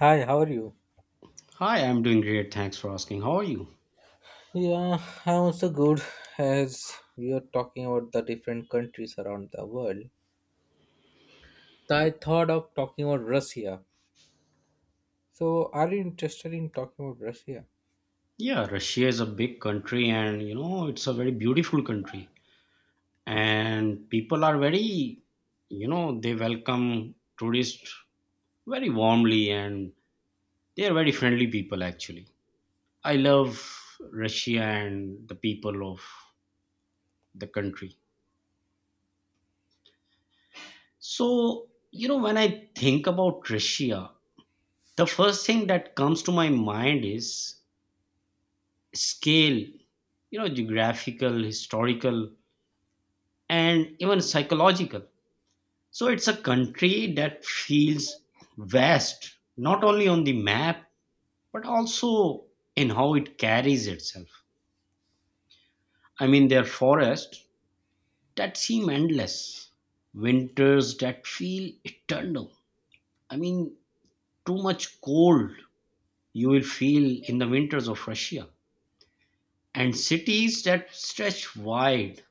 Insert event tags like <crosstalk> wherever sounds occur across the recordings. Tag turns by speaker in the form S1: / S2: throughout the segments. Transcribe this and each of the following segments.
S1: Hi, how are you?
S2: Hi, I'm doing great. Thanks for asking. How are you?
S1: Yeah, I'm also good. As we are talking about the different countries around the world, I thought of talking about Russia. So, are you interested in talking about Russia?
S2: Yeah, Russia is a big country and you know, it's a very beautiful country. And people are very, you know, they welcome tourists very warmly and they are very friendly people actually. I love Russia and the people of the country. So, you know, when I think about Russia, the first thing that comes to my mind is scale, you know, geographical, historical and even psychological. So it's a country that feels vast, not only on the map, but also in how it carries itself. I mean, there are forests that seem endless, winters that feel eternal. I mean, too much cold you will feel in the winters of Russia, and cities that stretch wide,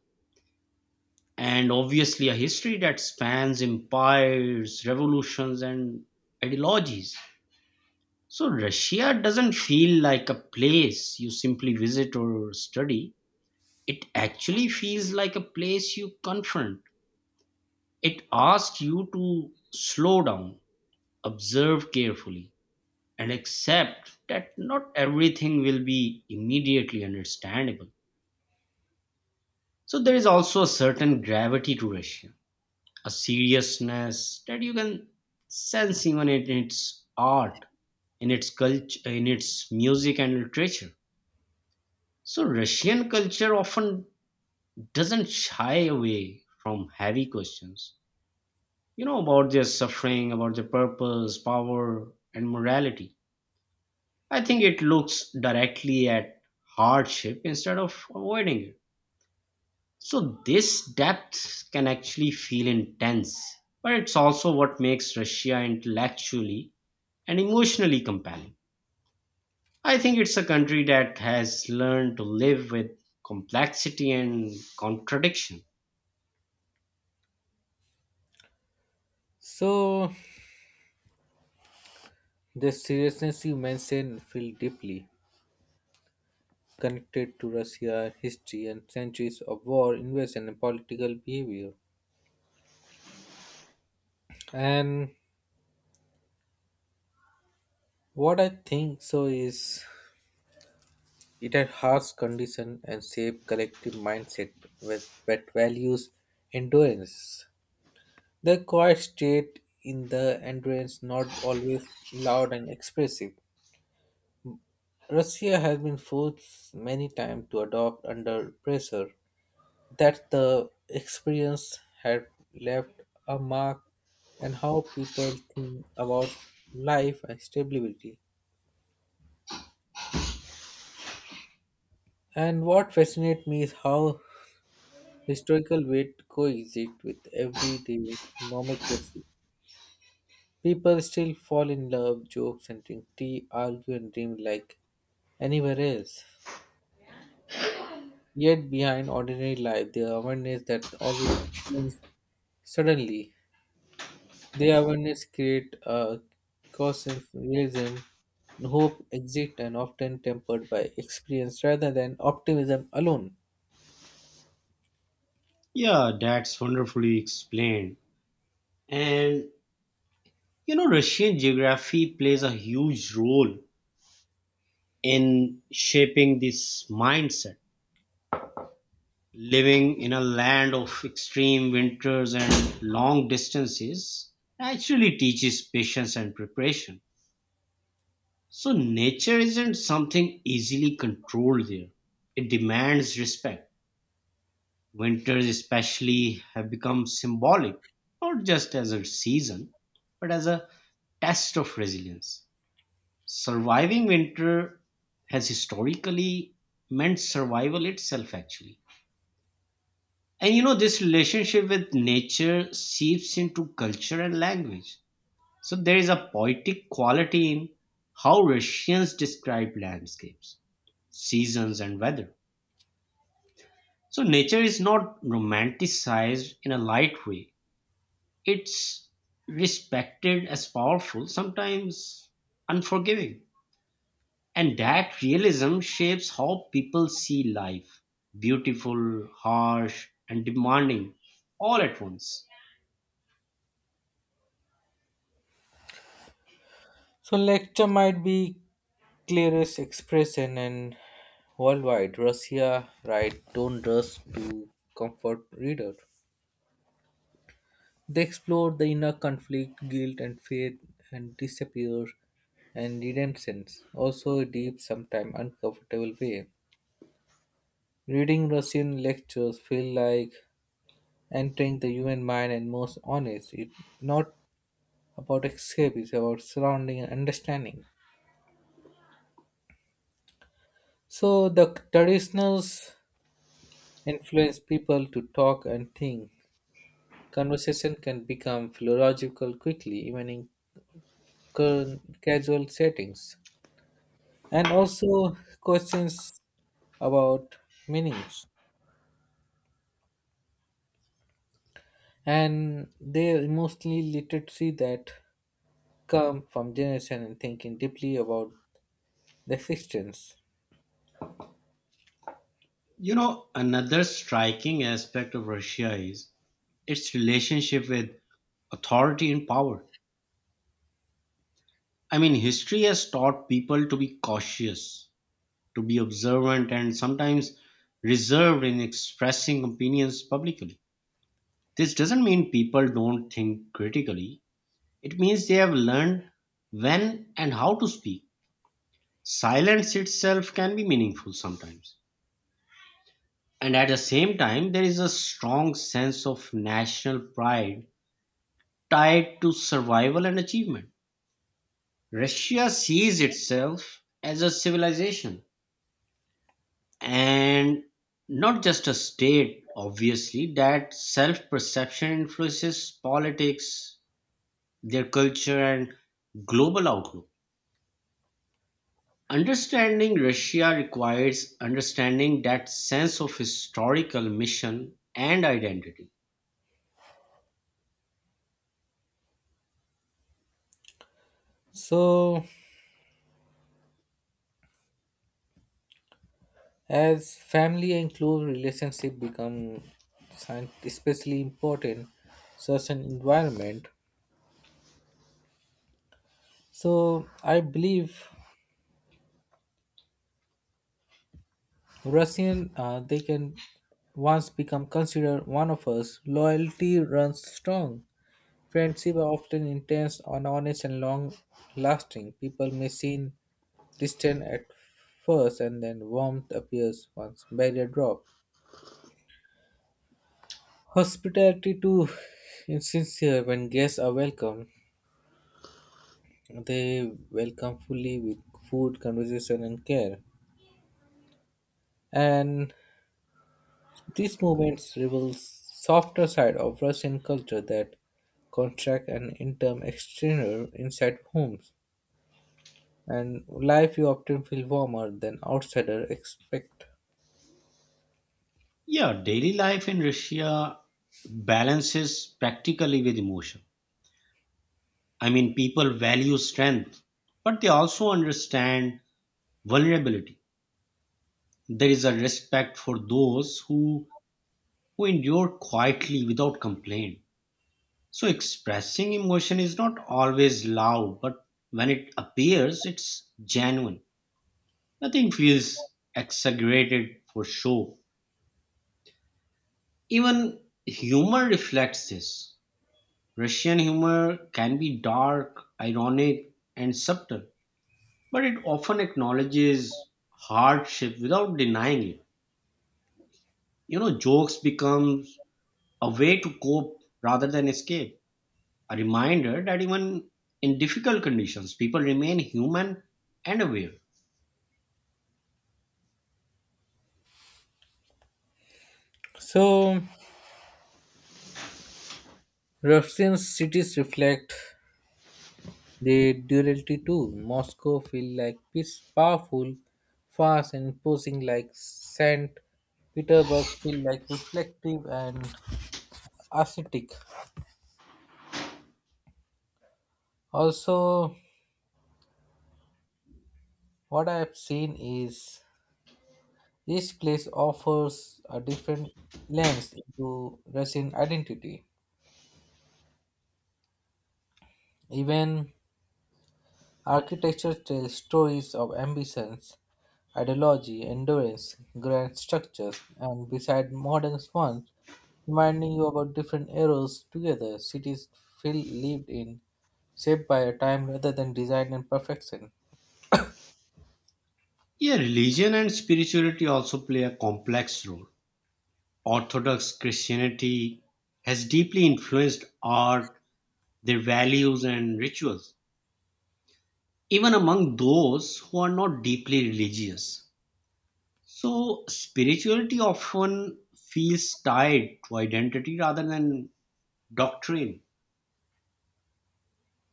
S2: and obviously a history that spans empires, revolutions, and ideologies. So Russia doesn't feel like a place you simply visit or study. It actually feels like a place you confront. It asks you to slow down, observe carefully, and accept that not everything will be immediately understandable. So there is also a certain gravity to Russia, a seriousness that you can sense even in its art, in its culture, in its music and literature. So Russian culture often doesn't shy away from heavy questions, you know, about their suffering, about their purpose, power, and morality. I think it looks directly at hardship instead of avoiding it. So this depth can actually feel intense, but it's also what makes Russia intellectually and emotionally compelling. I think it's a country that has learned to live with complexity and contradiction.
S1: So, the seriousness you mentioned feel deeply connected to Russia, history, and centuries of war, invasion, and political behavior. And what I think so is it had harsh conditions and shaped collective mindset with that values endurance. The quiet state in the endurance not always loud and expressive. Russia has been forced many times to adopt under pressure. That the experience had left a mark and how people think about life and stability. And what fascinates me is how historical weight coexist with everyday nomenclature. People still fall in love, jokes and drink tea, argue and dream like anywhere else. Yet behind ordinary life, the awareness that always changes suddenly. The awareness create a conscious realism, hope exist and often tempered by experience rather than optimism alone.
S2: Yeah, that's wonderfully explained. And you know, Russian geography plays a huge role in shaping this mindset. Living in a land of extreme winters and long distances actually teaches patience and preparation. So, nature isn't something easily controlled there, it demands respect. Winters, especially, have become symbolic, not just as a season, but as a test of resilience. Surviving winter has historically meant survival itself, actually. And you know, this relationship with nature seeps into culture and language. So there is a poetic quality in how Russians describe landscapes, seasons, and weather. So nature is not romanticized in a light way, it's respected as powerful, sometimes unforgiving. And that realism shapes how people see life: beautiful, harsh, and demanding all at once.
S1: So lecture might be clearest expression and worldwide Russia right don't rush to comfort reader. They explore the inner conflict, guilt and faith and disappear and redemption. Also a deep, sometimes uncomfortable way. Reading Russian lectures feel like entering the human mind and most honest. It's not about escape, it's about surrounding and understanding. So the traditionals influence people to talk and think. Conversation can become philological quickly, even in casual settings. And also questions about meanings. And they emotionally literacy that come from generation and thinking deeply about the existence.
S2: You know, another striking aspect of Russia is its relationship with authority and power. I mean, history has taught people to be cautious, to be observant, and sometimes reserved in expressing opinions publicly. This doesn't mean people don't think critically, it means they have learned when and how to speak. Silence itself can be meaningful sometimes. And at the same time, there is a strong sense of national pride tied to survival and achievement. Russia sees itself as a civilization and not just a state, obviously. That self perception influences politics, their culture, and global outlook. Understanding Russia requires understanding that sense of historical mission and identity.
S1: So as family and close relationship become especially important such an environment, so I believe Russian, they can once become considered one of us. Loyalty runs strong. Friendship are often intense and honest and long lasting. People may seem distant at first and then warmth appears once barrier drop. Hospitality too <laughs> is sincere when guests are welcome. They welcome fully with food, conversation and care. And these movements reveal softer side of Russian culture that contract and interim exterior inside homes and life you often feel warmer than outsider expect.
S2: Yeah, daily life in Russia balances practically with emotion. I mean, people value strength, but they also understand vulnerability. There is a respect for those who endure quietly without complaint. So, expressing emotion is not always loud, but when it appears, it's genuine. Nothing feels exaggerated for show. Even humor reflects this. Russian humor can be dark, ironic, and subtle, but it often acknowledges hardship without denying it. You know, jokes becomes a way to cope rather than escape. A reminder that even in difficult conditions, people remain human and aware.
S1: So Russian cities reflect the duality too. Moscow feel like peace, powerful, fast and imposing like Saint Petersburg feel like reflective and ascetic. Also what I have seen is each place offers a different lens into Russian identity. Even architecture tells stories of ambitions, ideology, endurance, grand structures, and beside modern ones, reminding you about different eras together, cities feel lived in, shaped by a time rather than design and perfection.
S2: Yeah, religion and spirituality also play a complex role. Orthodox Christianity has deeply influenced art, their values and rituals, even among those who are not deeply religious. So, spirituality often feels tied to identity rather than doctrine.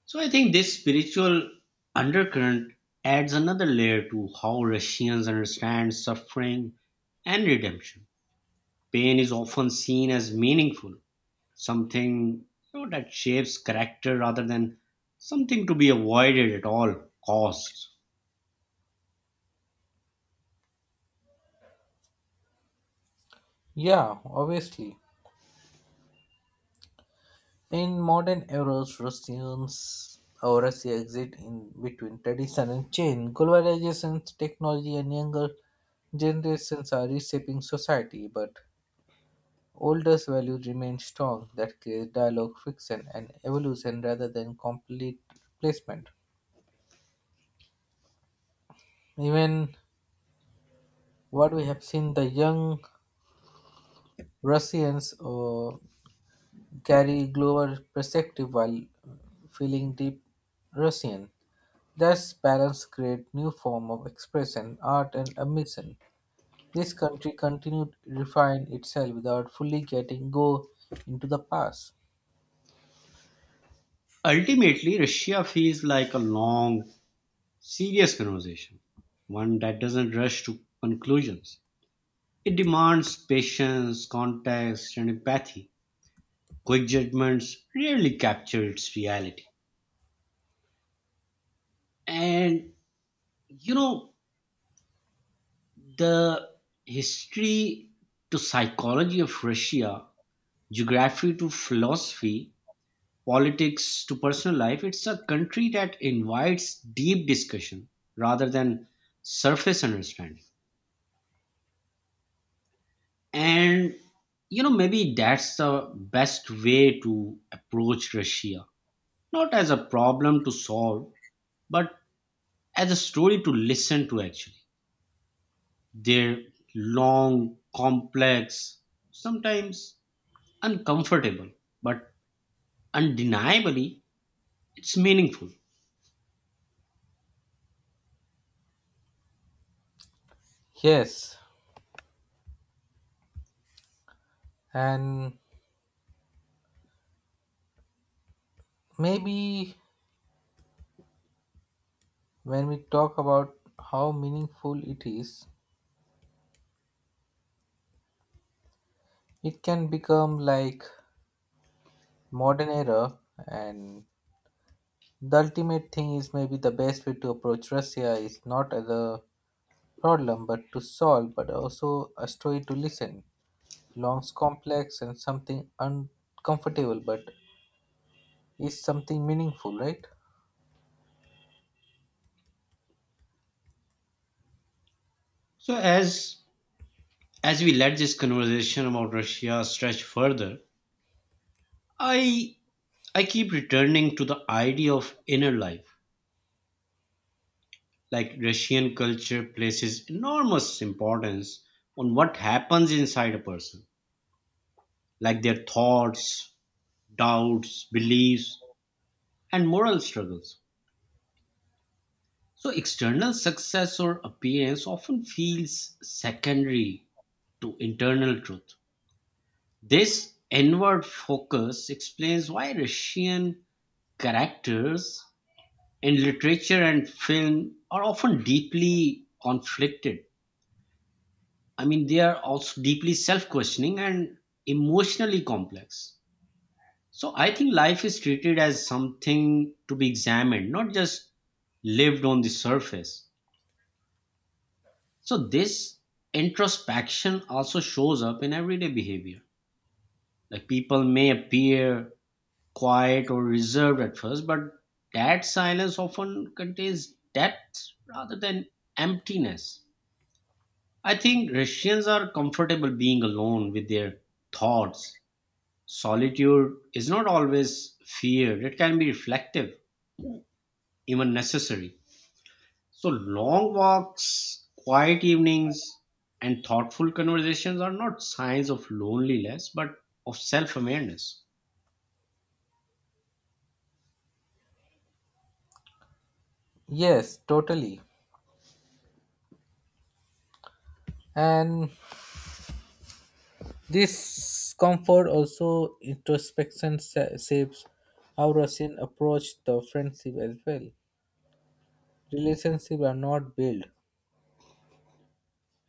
S2: So, I think this spiritual undercurrent adds another layer to how Russians understand suffering and redemption. Pain is often seen as meaningful, something you know, that shapes character rather than something to be avoided at all costs.
S1: Yeah, obviously. In modern eras, Russians or Russia exists in between tradition and change. Globalization, technology, and younger generations are reshaping society, but older values remain strong that creates dialogue, friction, and evolution rather than complete replacement. Even what we have seen, the young Russians carry global perspective while feeling deep Russian. Thus, balance create new form of expression, art and ambition. This country continued to refine itself without fully getting go into the past.
S2: Ultimately, Russia feels like a long, serious conversation, one that doesn't rush to conclusions. It demands patience, context, and empathy. Quick judgments rarely capture its reality. And you know, the history to psychology of Russia, geography to philosophy, politics to personal life, it's a country that invites deep discussion rather than surface understanding. And you know, maybe that's the best way to approach Russia, not as a problem to solve, but as a story to listen to actually. Their long, complex, sometimes uncomfortable, but undeniably it's meaningful.
S1: Yes, and maybe when we talk about how meaningful it is, it can become like modern era and the ultimate thing is maybe the best way to approach Russia is not as a problem but to solve but also a story to listen. Long's complex and something uncomfortable but is something meaningful, right?
S2: So, as As we let this conversation about Russia stretch further, I I keep returning to the idea of inner life. Like Russian culture places enormous importance on what happens inside a person, like their thoughts, doubts, beliefs, and moral struggles. So external success or appearance often feels secondary to internal truth. This inward focus explains why Russian characters in literature and film are often deeply conflicted. I mean, they are also deeply self questioning and emotionally complex. So I think life is treated as something to be examined, not just lived on the surface. So this introspection also shows up in everyday behavior. Like people may appear quiet or reserved at first, but that silence often contains depth rather than emptiness. I think Russians are comfortable being alone with their thoughts. Solitude is not always feared, it can be reflective, even necessary. So, long walks, quiet evenings, and thoughtful conversations are not signs of loneliness but of self awareness.
S1: Yes, totally. And this comfort also introspection shapes how Russian approach the friendship as well. Relationships are not built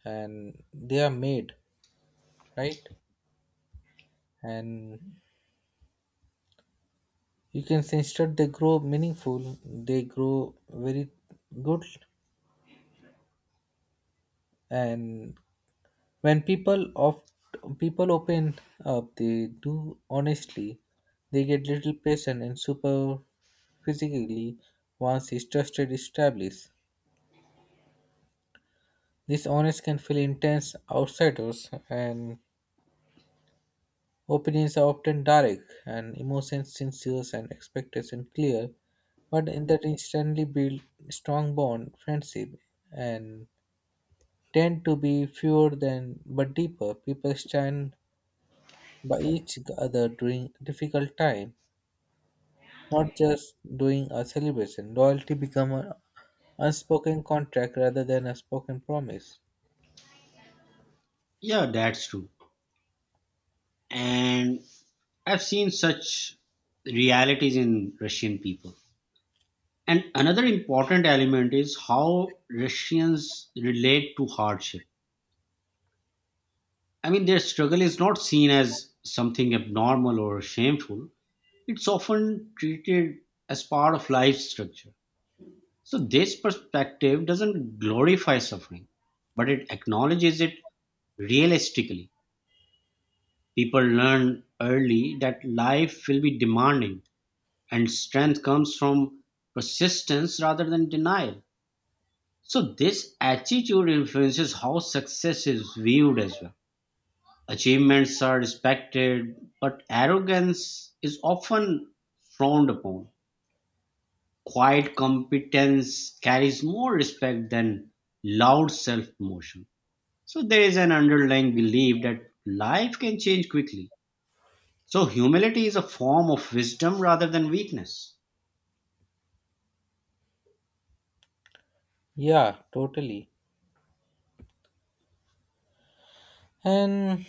S1: and they are made, right? And you can see instead they grow meaningful, they grow very good. And when people of people open up they do honestly, they get little patient and super physically once is trusted established. This honest can feel intense outsiders and opinions are often direct and emotions sincere and expectation clear, but in that instantly build strong bond friendship and tend to be fewer than but deeper people stand by each other during difficult time, not just during a celebration. Loyalty become an unspoken contract rather than a spoken promise.
S2: Yeah, that's true. And I've seen such realities in Russian people. And another important element is how Russians relate to hardship. I mean, their struggle is not seen as something abnormal or shameful. It's often treated as part of life's structure. So, this perspective doesn't glorify suffering, but it acknowledges it realistically. People learn early that life will be demanding, and strength comes from persistence rather than denial. So, this attitude influences how success is viewed as well. Achievements are respected, but arrogance is often frowned upon. Quiet competence carries more respect than loud self promotion. So, there is an underlying belief that life can change quickly. So, humility is a form of wisdom rather than weakness.
S1: Yeah, totally. And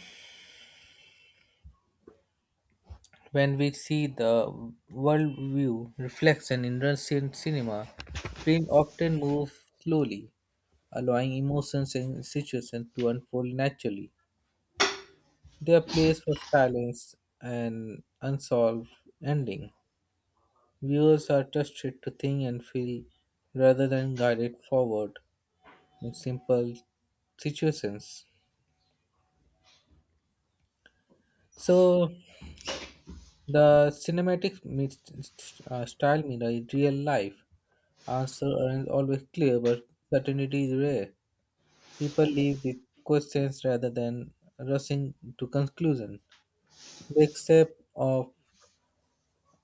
S1: when we see the worldview reflection in Russian cinema, film often moves slowly, allowing emotions and situations to unfold naturally. They are plays for silence and unsolved ending. Viewers are trusted to think and feel rather than guided forward in simple situations. So the cinematic meets style mirror in real life. Answer aren't always clear, but certainty is rare. People live with questions rather than rushing to conclusion. The accept of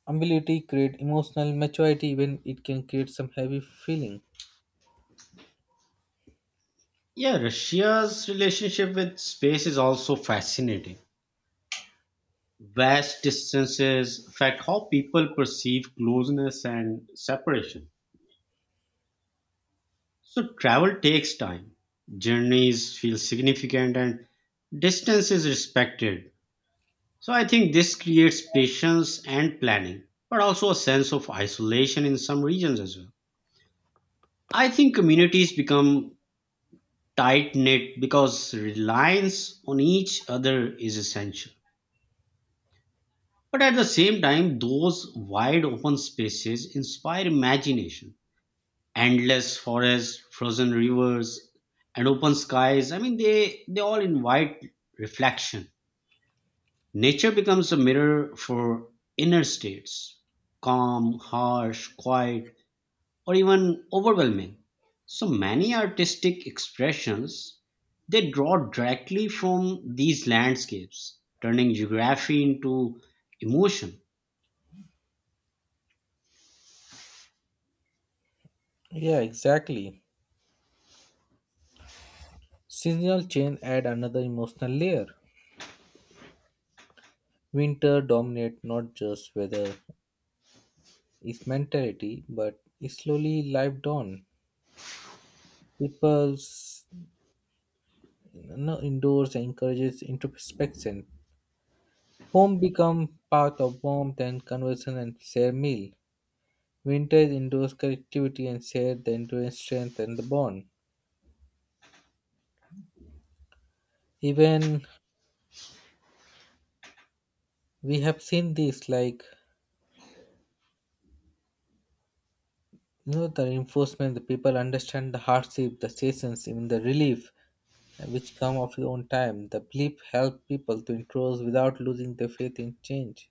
S1: ability create emotional maturity when it can create some heavy feeling.
S2: Yeah, Russia's relationship with space is also fascinating. Vast distances affect how people perceive closeness and separation. So travel takes time. Journeys feel significant and distance is respected. So I think this creates patience and planning, but also a sense of isolation in some regions as well. I think communities become tight knit because reliance on each other is essential. But at the same time, those wide open spaces inspire imagination: endless forests, frozen rivers, and open skies. I mean, they all invite reflection. Nature becomes a mirror for inner states, calm, harsh, quiet, or even overwhelming. So many artistic expressions they draw directly from these landscapes, turning geography into emotion.
S1: Yeah, exactly. Seasonal change add another emotional layer. Winter dominate not just weather, its mentality, but it slowly life down. People's indoors encourages introspection. Home become path of warmth and conversation and share meal. Winter is indoors connectivity and share the endurance strength and the bond. Even we have seen this like the reinforcement the people understand the hardship, the seasons, even the relief which come of your own time. The belief helped people to improve without losing their faith in change.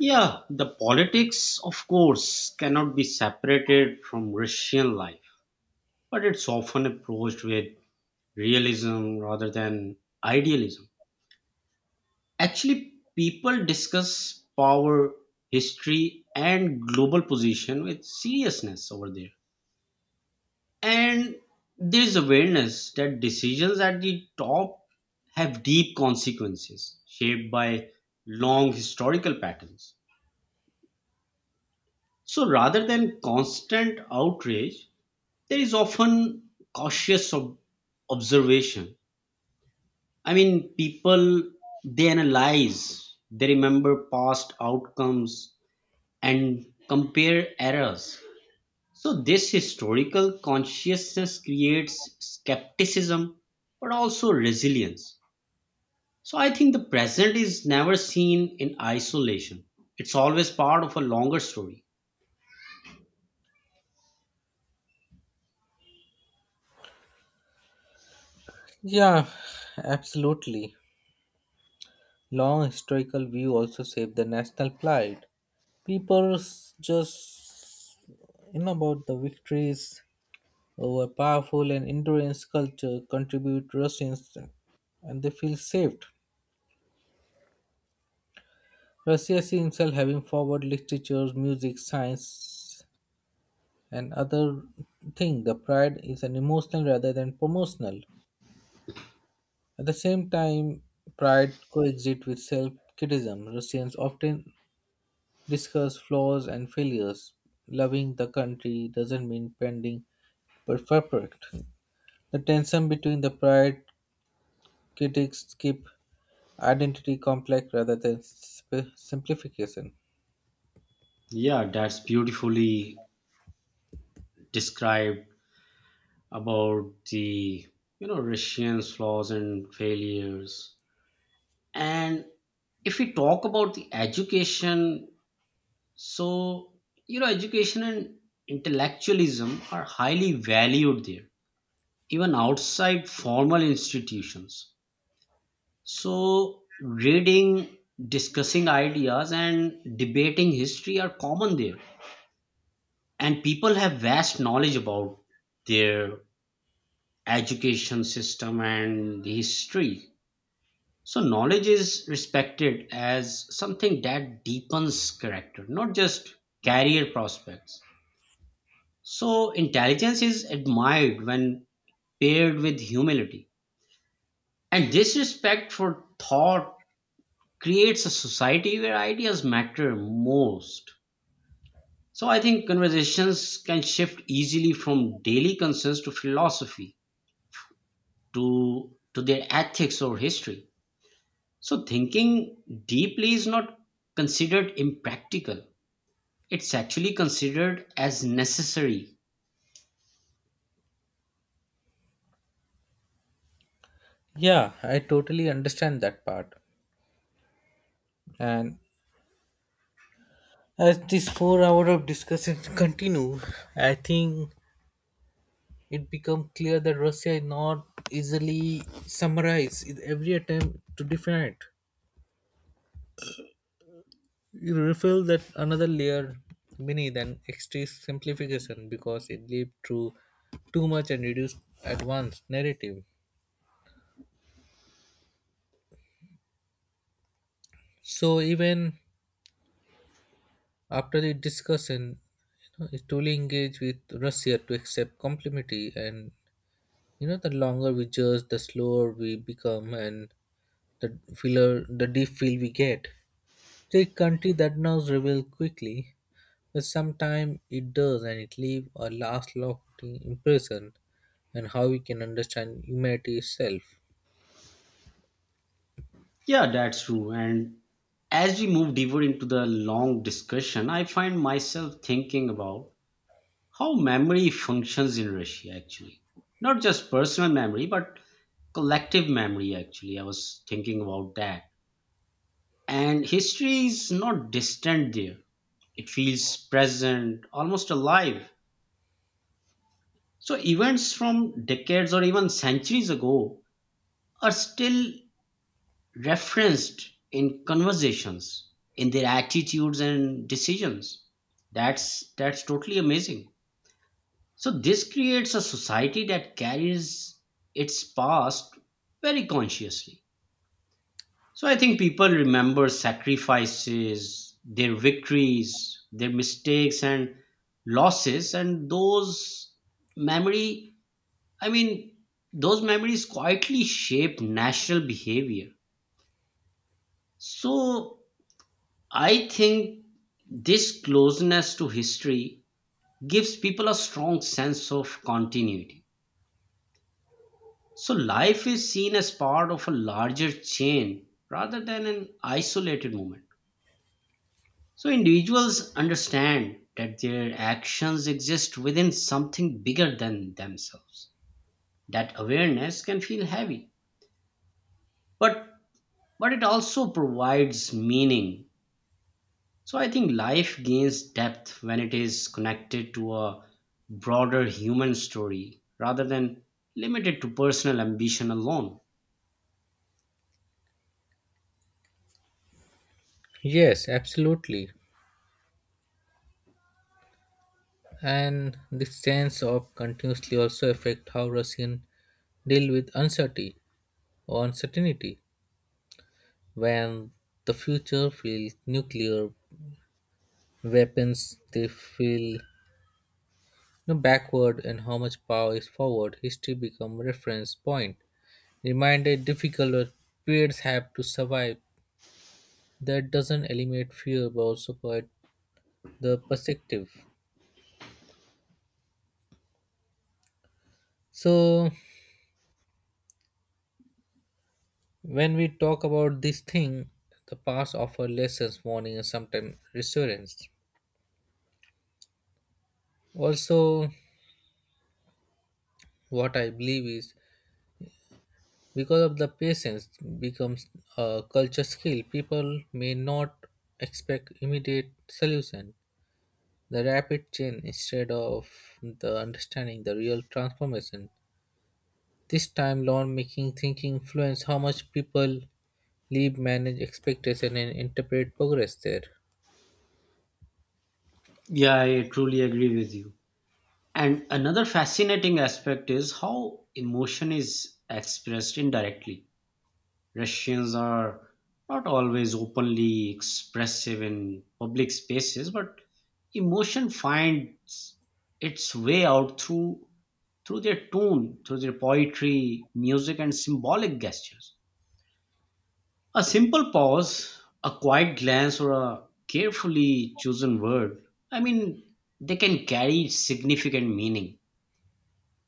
S2: Yeah, the politics, of course, cannot be separated from Russian life, but it's often approached with realism rather than idealism. Actually, people discuss power, history, and global position with seriousness over there. And there's awareness that decisions at the top have deep consequences shaped by long historical patterns. So rather than constant outrage, there is often cautious observation. I mean, people they analyze, they remember past outcomes and compare errors. So, this historical consciousness creates skepticism but also resilience. So, I think the present is never seen in isolation, it's always part of a longer story.
S1: Yeah, absolutely. Long historical view also saved the national pride. People just you know about the victories over powerful and endurance culture contribute Russians and they feel saved. Russia sees himself having forward literature, music, science and other thing. The pride is an emotional rather than promotional. At the same time, pride coexists with self criticism. Russians often discuss flaws and failures. Loving the country doesn't mean pending but perfect. The tension between the pride critics keep identity complex rather than simplification.
S2: Yeah, that's beautifully described about the you know Russians' flaws and failures. And if we talk about the education, so you know education and intellectualism are highly valued there even outside formal institutions, so reading, discussing ideas and debating history are common there and people have vast knowledge about their education system and the history. So knowledge is respected as something that deepens character, not just career prospects. So intelligence is admired when paired with humility. And this respect for thought creates a society where ideas matter most. So I think conversations can shift easily from daily concerns to philosophy to their ethics or history. So thinking deeply is not considered impractical. It's actually considered as necessary.
S1: Yeah, I totally understand that part. And as this 4-hour of discussion continue, I think it became clear that Russia is not easily summarized in every attempt to define it. You reveal that another layer beneath an extreme simplification because it leads to too much and reduced at once narrative. So even after the discussion, it truly engaged with Russia to accept complimity and the longer we judge, the slower we become and the feeler the deep feel we get. The country that now revealed quickly, but sometimes it does, and it leaves a last-lasting impression and how we can understand humanity itself.
S2: Yeah, that's true. And as we move deeper into the long discussion, I find myself thinking about how memory functions in Russia, actually. Not just personal memory, but collective memory, actually. I was thinking about that. And history is not distant there, it feels present, almost alive. So, events from decades or even centuries ago are still referenced in conversations in their attitudes and decisions. That's totally amazing. So this creates a society that carries its past very consciously. So I think people remember sacrifices, their victories, their mistakes and losses, and those memory I mean those memories quietly shape national behavior. So I think this closeness to history gives people a strong sense of continuity. So life is seen as part of a larger chain rather than an isolated moment. So individuals understand that their actions exist within something bigger than themselves. That awareness can feel heavy, but it also provides meaning. So I think life gains depth when it is connected to a broader human story rather than limited to personal ambition alone.
S1: Yes, absolutely. And this sense of continuously also affect how Russian deal with uncertainty or uncertainty. When the future feels nuclear weapons, they feel backward and how much power is forward. History become reference point. Reminded difficult periods have to survive that doesn't eliminate fear but also provide the perspective. So when we talk about this thing the past offer lessons warning and sometimes reassurance. Also what I believe is because of the patience becomes a culture skill people may not expect immediate solution the rapid change instead of the understanding the real transformation. This time, loan making thinking influenced how much people leave, manage expectation, and interpret progress there.
S2: Yeah, I truly agree with you. And another fascinating aspect is how emotion is expressed indirectly. Russians are not always openly expressive in public spaces, but emotion finds its way out through their tune, through their poetry, music, and symbolic gestures. A simple pause, a quiet glance, or a carefully chosen word, I mean, they can carry significant meaning.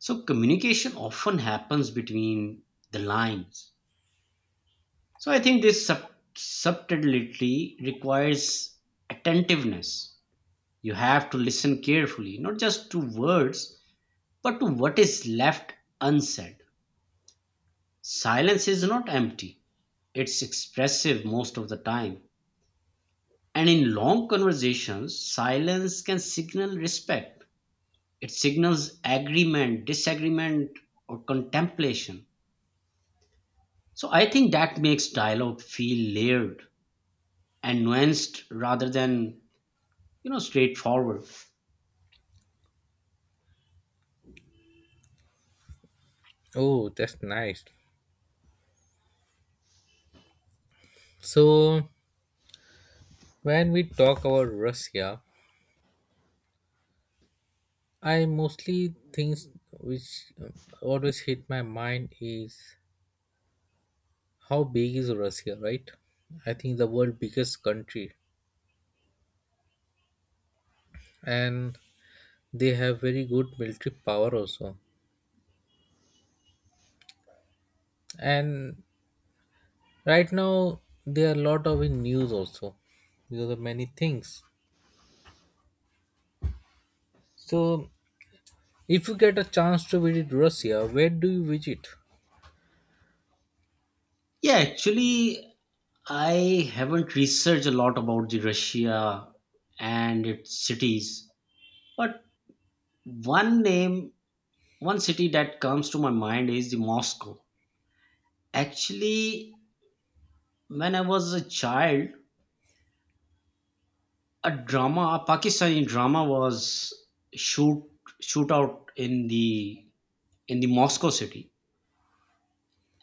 S2: So, communication often happens between the lines. So, I think this subtlety requires attentiveness. You have to listen carefully, not just to words, but to what is left unsaid. Silence is not empty. It's expressive most of the time. And in long conversations, silence can signal respect. It signals agreement, disagreement, or contemplation. So I think that makes dialogue feel layered and nuanced rather than, you know, straightforward.
S1: Oh, that's nice. So, when we talk about Russia, I mostly things which always hit my mind is how big is Russia, right? I think the world biggest country, and they have very good military power also. And right now, there are a lot of in news also because of many things. So, if you get a chance to visit Russia, where do you visit?
S2: Yeah, actually, I haven't researched a lot about the Russia and its cities, but one name, one city that comes to my mind is the Moscow. Actually, when I was a child, a drama, a Pakistani drama was shoot shootout in the Moscow city,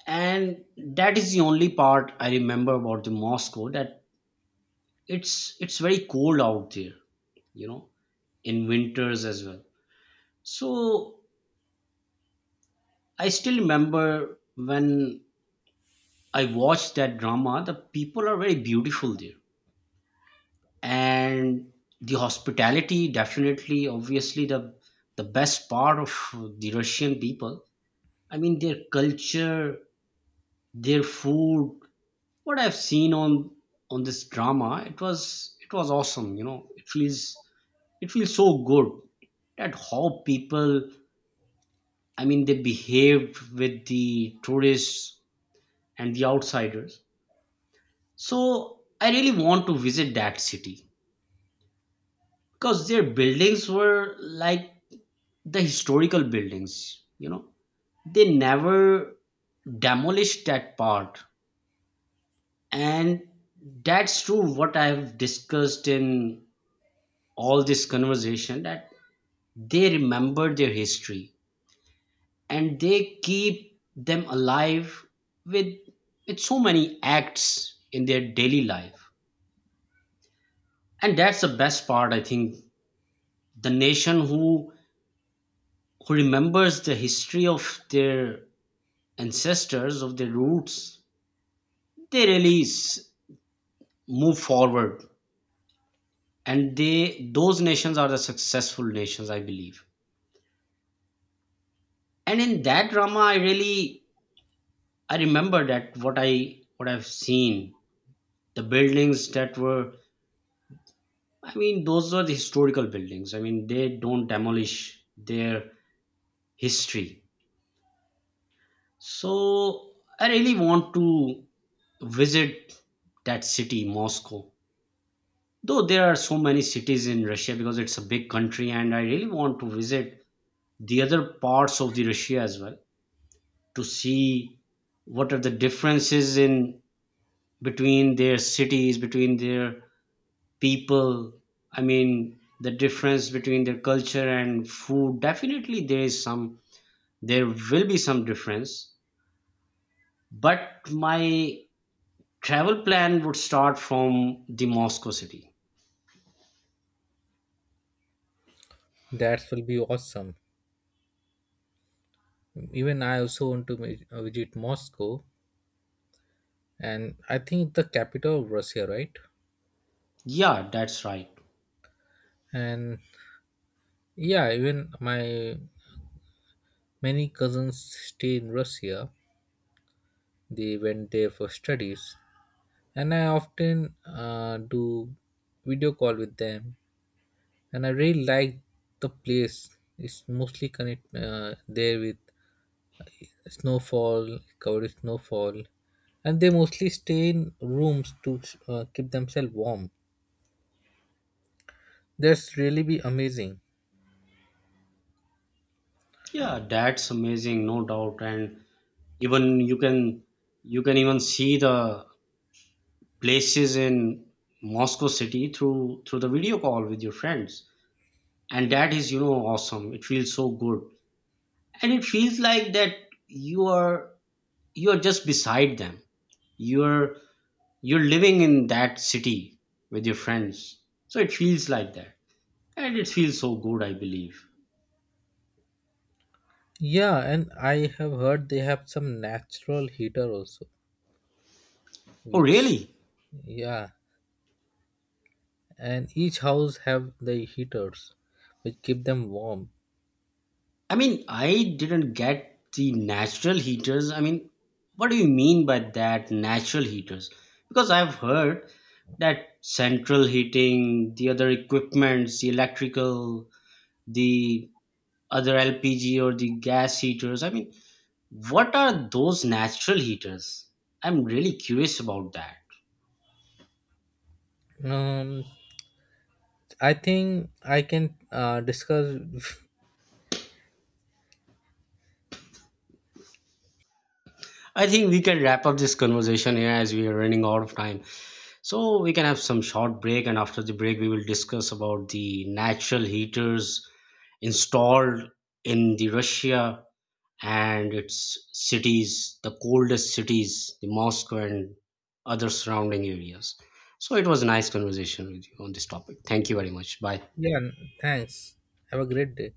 S2: and that is the only part I remember about the Moscow, that it's very cold out there, you know, in winters as well. So I still remember when I watched that drama, the people are very beautiful there, and the hospitality, definitely, obviously, the best part of the Russian people, I mean their culture, their food, what I've seen on this drama, it was awesome. You know, it feels so good that how people, I mean, they behaved with the tourists and the outsiders. So I really want to visit that city because their buildings were like the historical buildings, you know. They never demolished that part, and that's true what I've discussed in all this conversation, that they remember their history and they keep them alive with so many acts in their daily life. And that's the best part, I think. The nation who remembers the history of their ancestors, of their roots, they really move forward, and they, those nations are the successful nations, I believe. And in that drama, I really, I remember that, what I've seen, the buildings that were, I mean, those were the historical buildings. I mean, they don't demolish their history. So I really want to visit that city, Moscow. Though there are so many cities in Russia because it's a big country, and I really want to visit the other parts of the Russia as well, to see what are the differences in between their cities, between their people, I mean the difference between their culture and food. Definitely there is some, there will be some difference, but my travel plan would start from the Moscow city.
S1: That will be awesome. Even I also want to visit Moscow, and I think it's the capital of Russia, right?
S2: Yeah, that's right.
S1: And yeah, even my many cousins stay in Russia. They went there for studies, and I often do video call with them. And I really like the place. It's mostly connect there with snowfall, covered with snowfall, and they mostly stay in rooms to keep themselves warm. That's really be amazing.
S2: Yeah, that's amazing, no doubt. And even you can, you can even see the places in Moscow city through the video call with your friends, and that is, you know, awesome. It feels so good, and it feels like that you are, you are just beside them, you're living in that city with your friends. So it feels like that, and it feels so good, I believe.
S1: Yeah, and I have heard they have some natural heater also,
S2: Oh,
S1: which
S2: really?
S1: yeah, and each house have the heaters, which keep them warm.
S2: I mean, I didn't get the natural heaters. I mean, what do you mean by that natural heaters? Because I've heard that central heating, the other equipments, the electrical, the other LPG or the gas heaters. I mean, what are those natural heaters? I'm really curious about that.
S1: Um, I think I can discuss. <laughs>
S2: I think we can wrap up this conversation here as we are running out of time. So we can have some short break, and after the break, we will discuss about the natural heaters installed in the Russia and its cities, the coldest cities, the Moscow and other surrounding areas. So it was a nice conversation with you on this topic. Thank you very much. Bye.
S1: Yeah, thanks. Have a great day.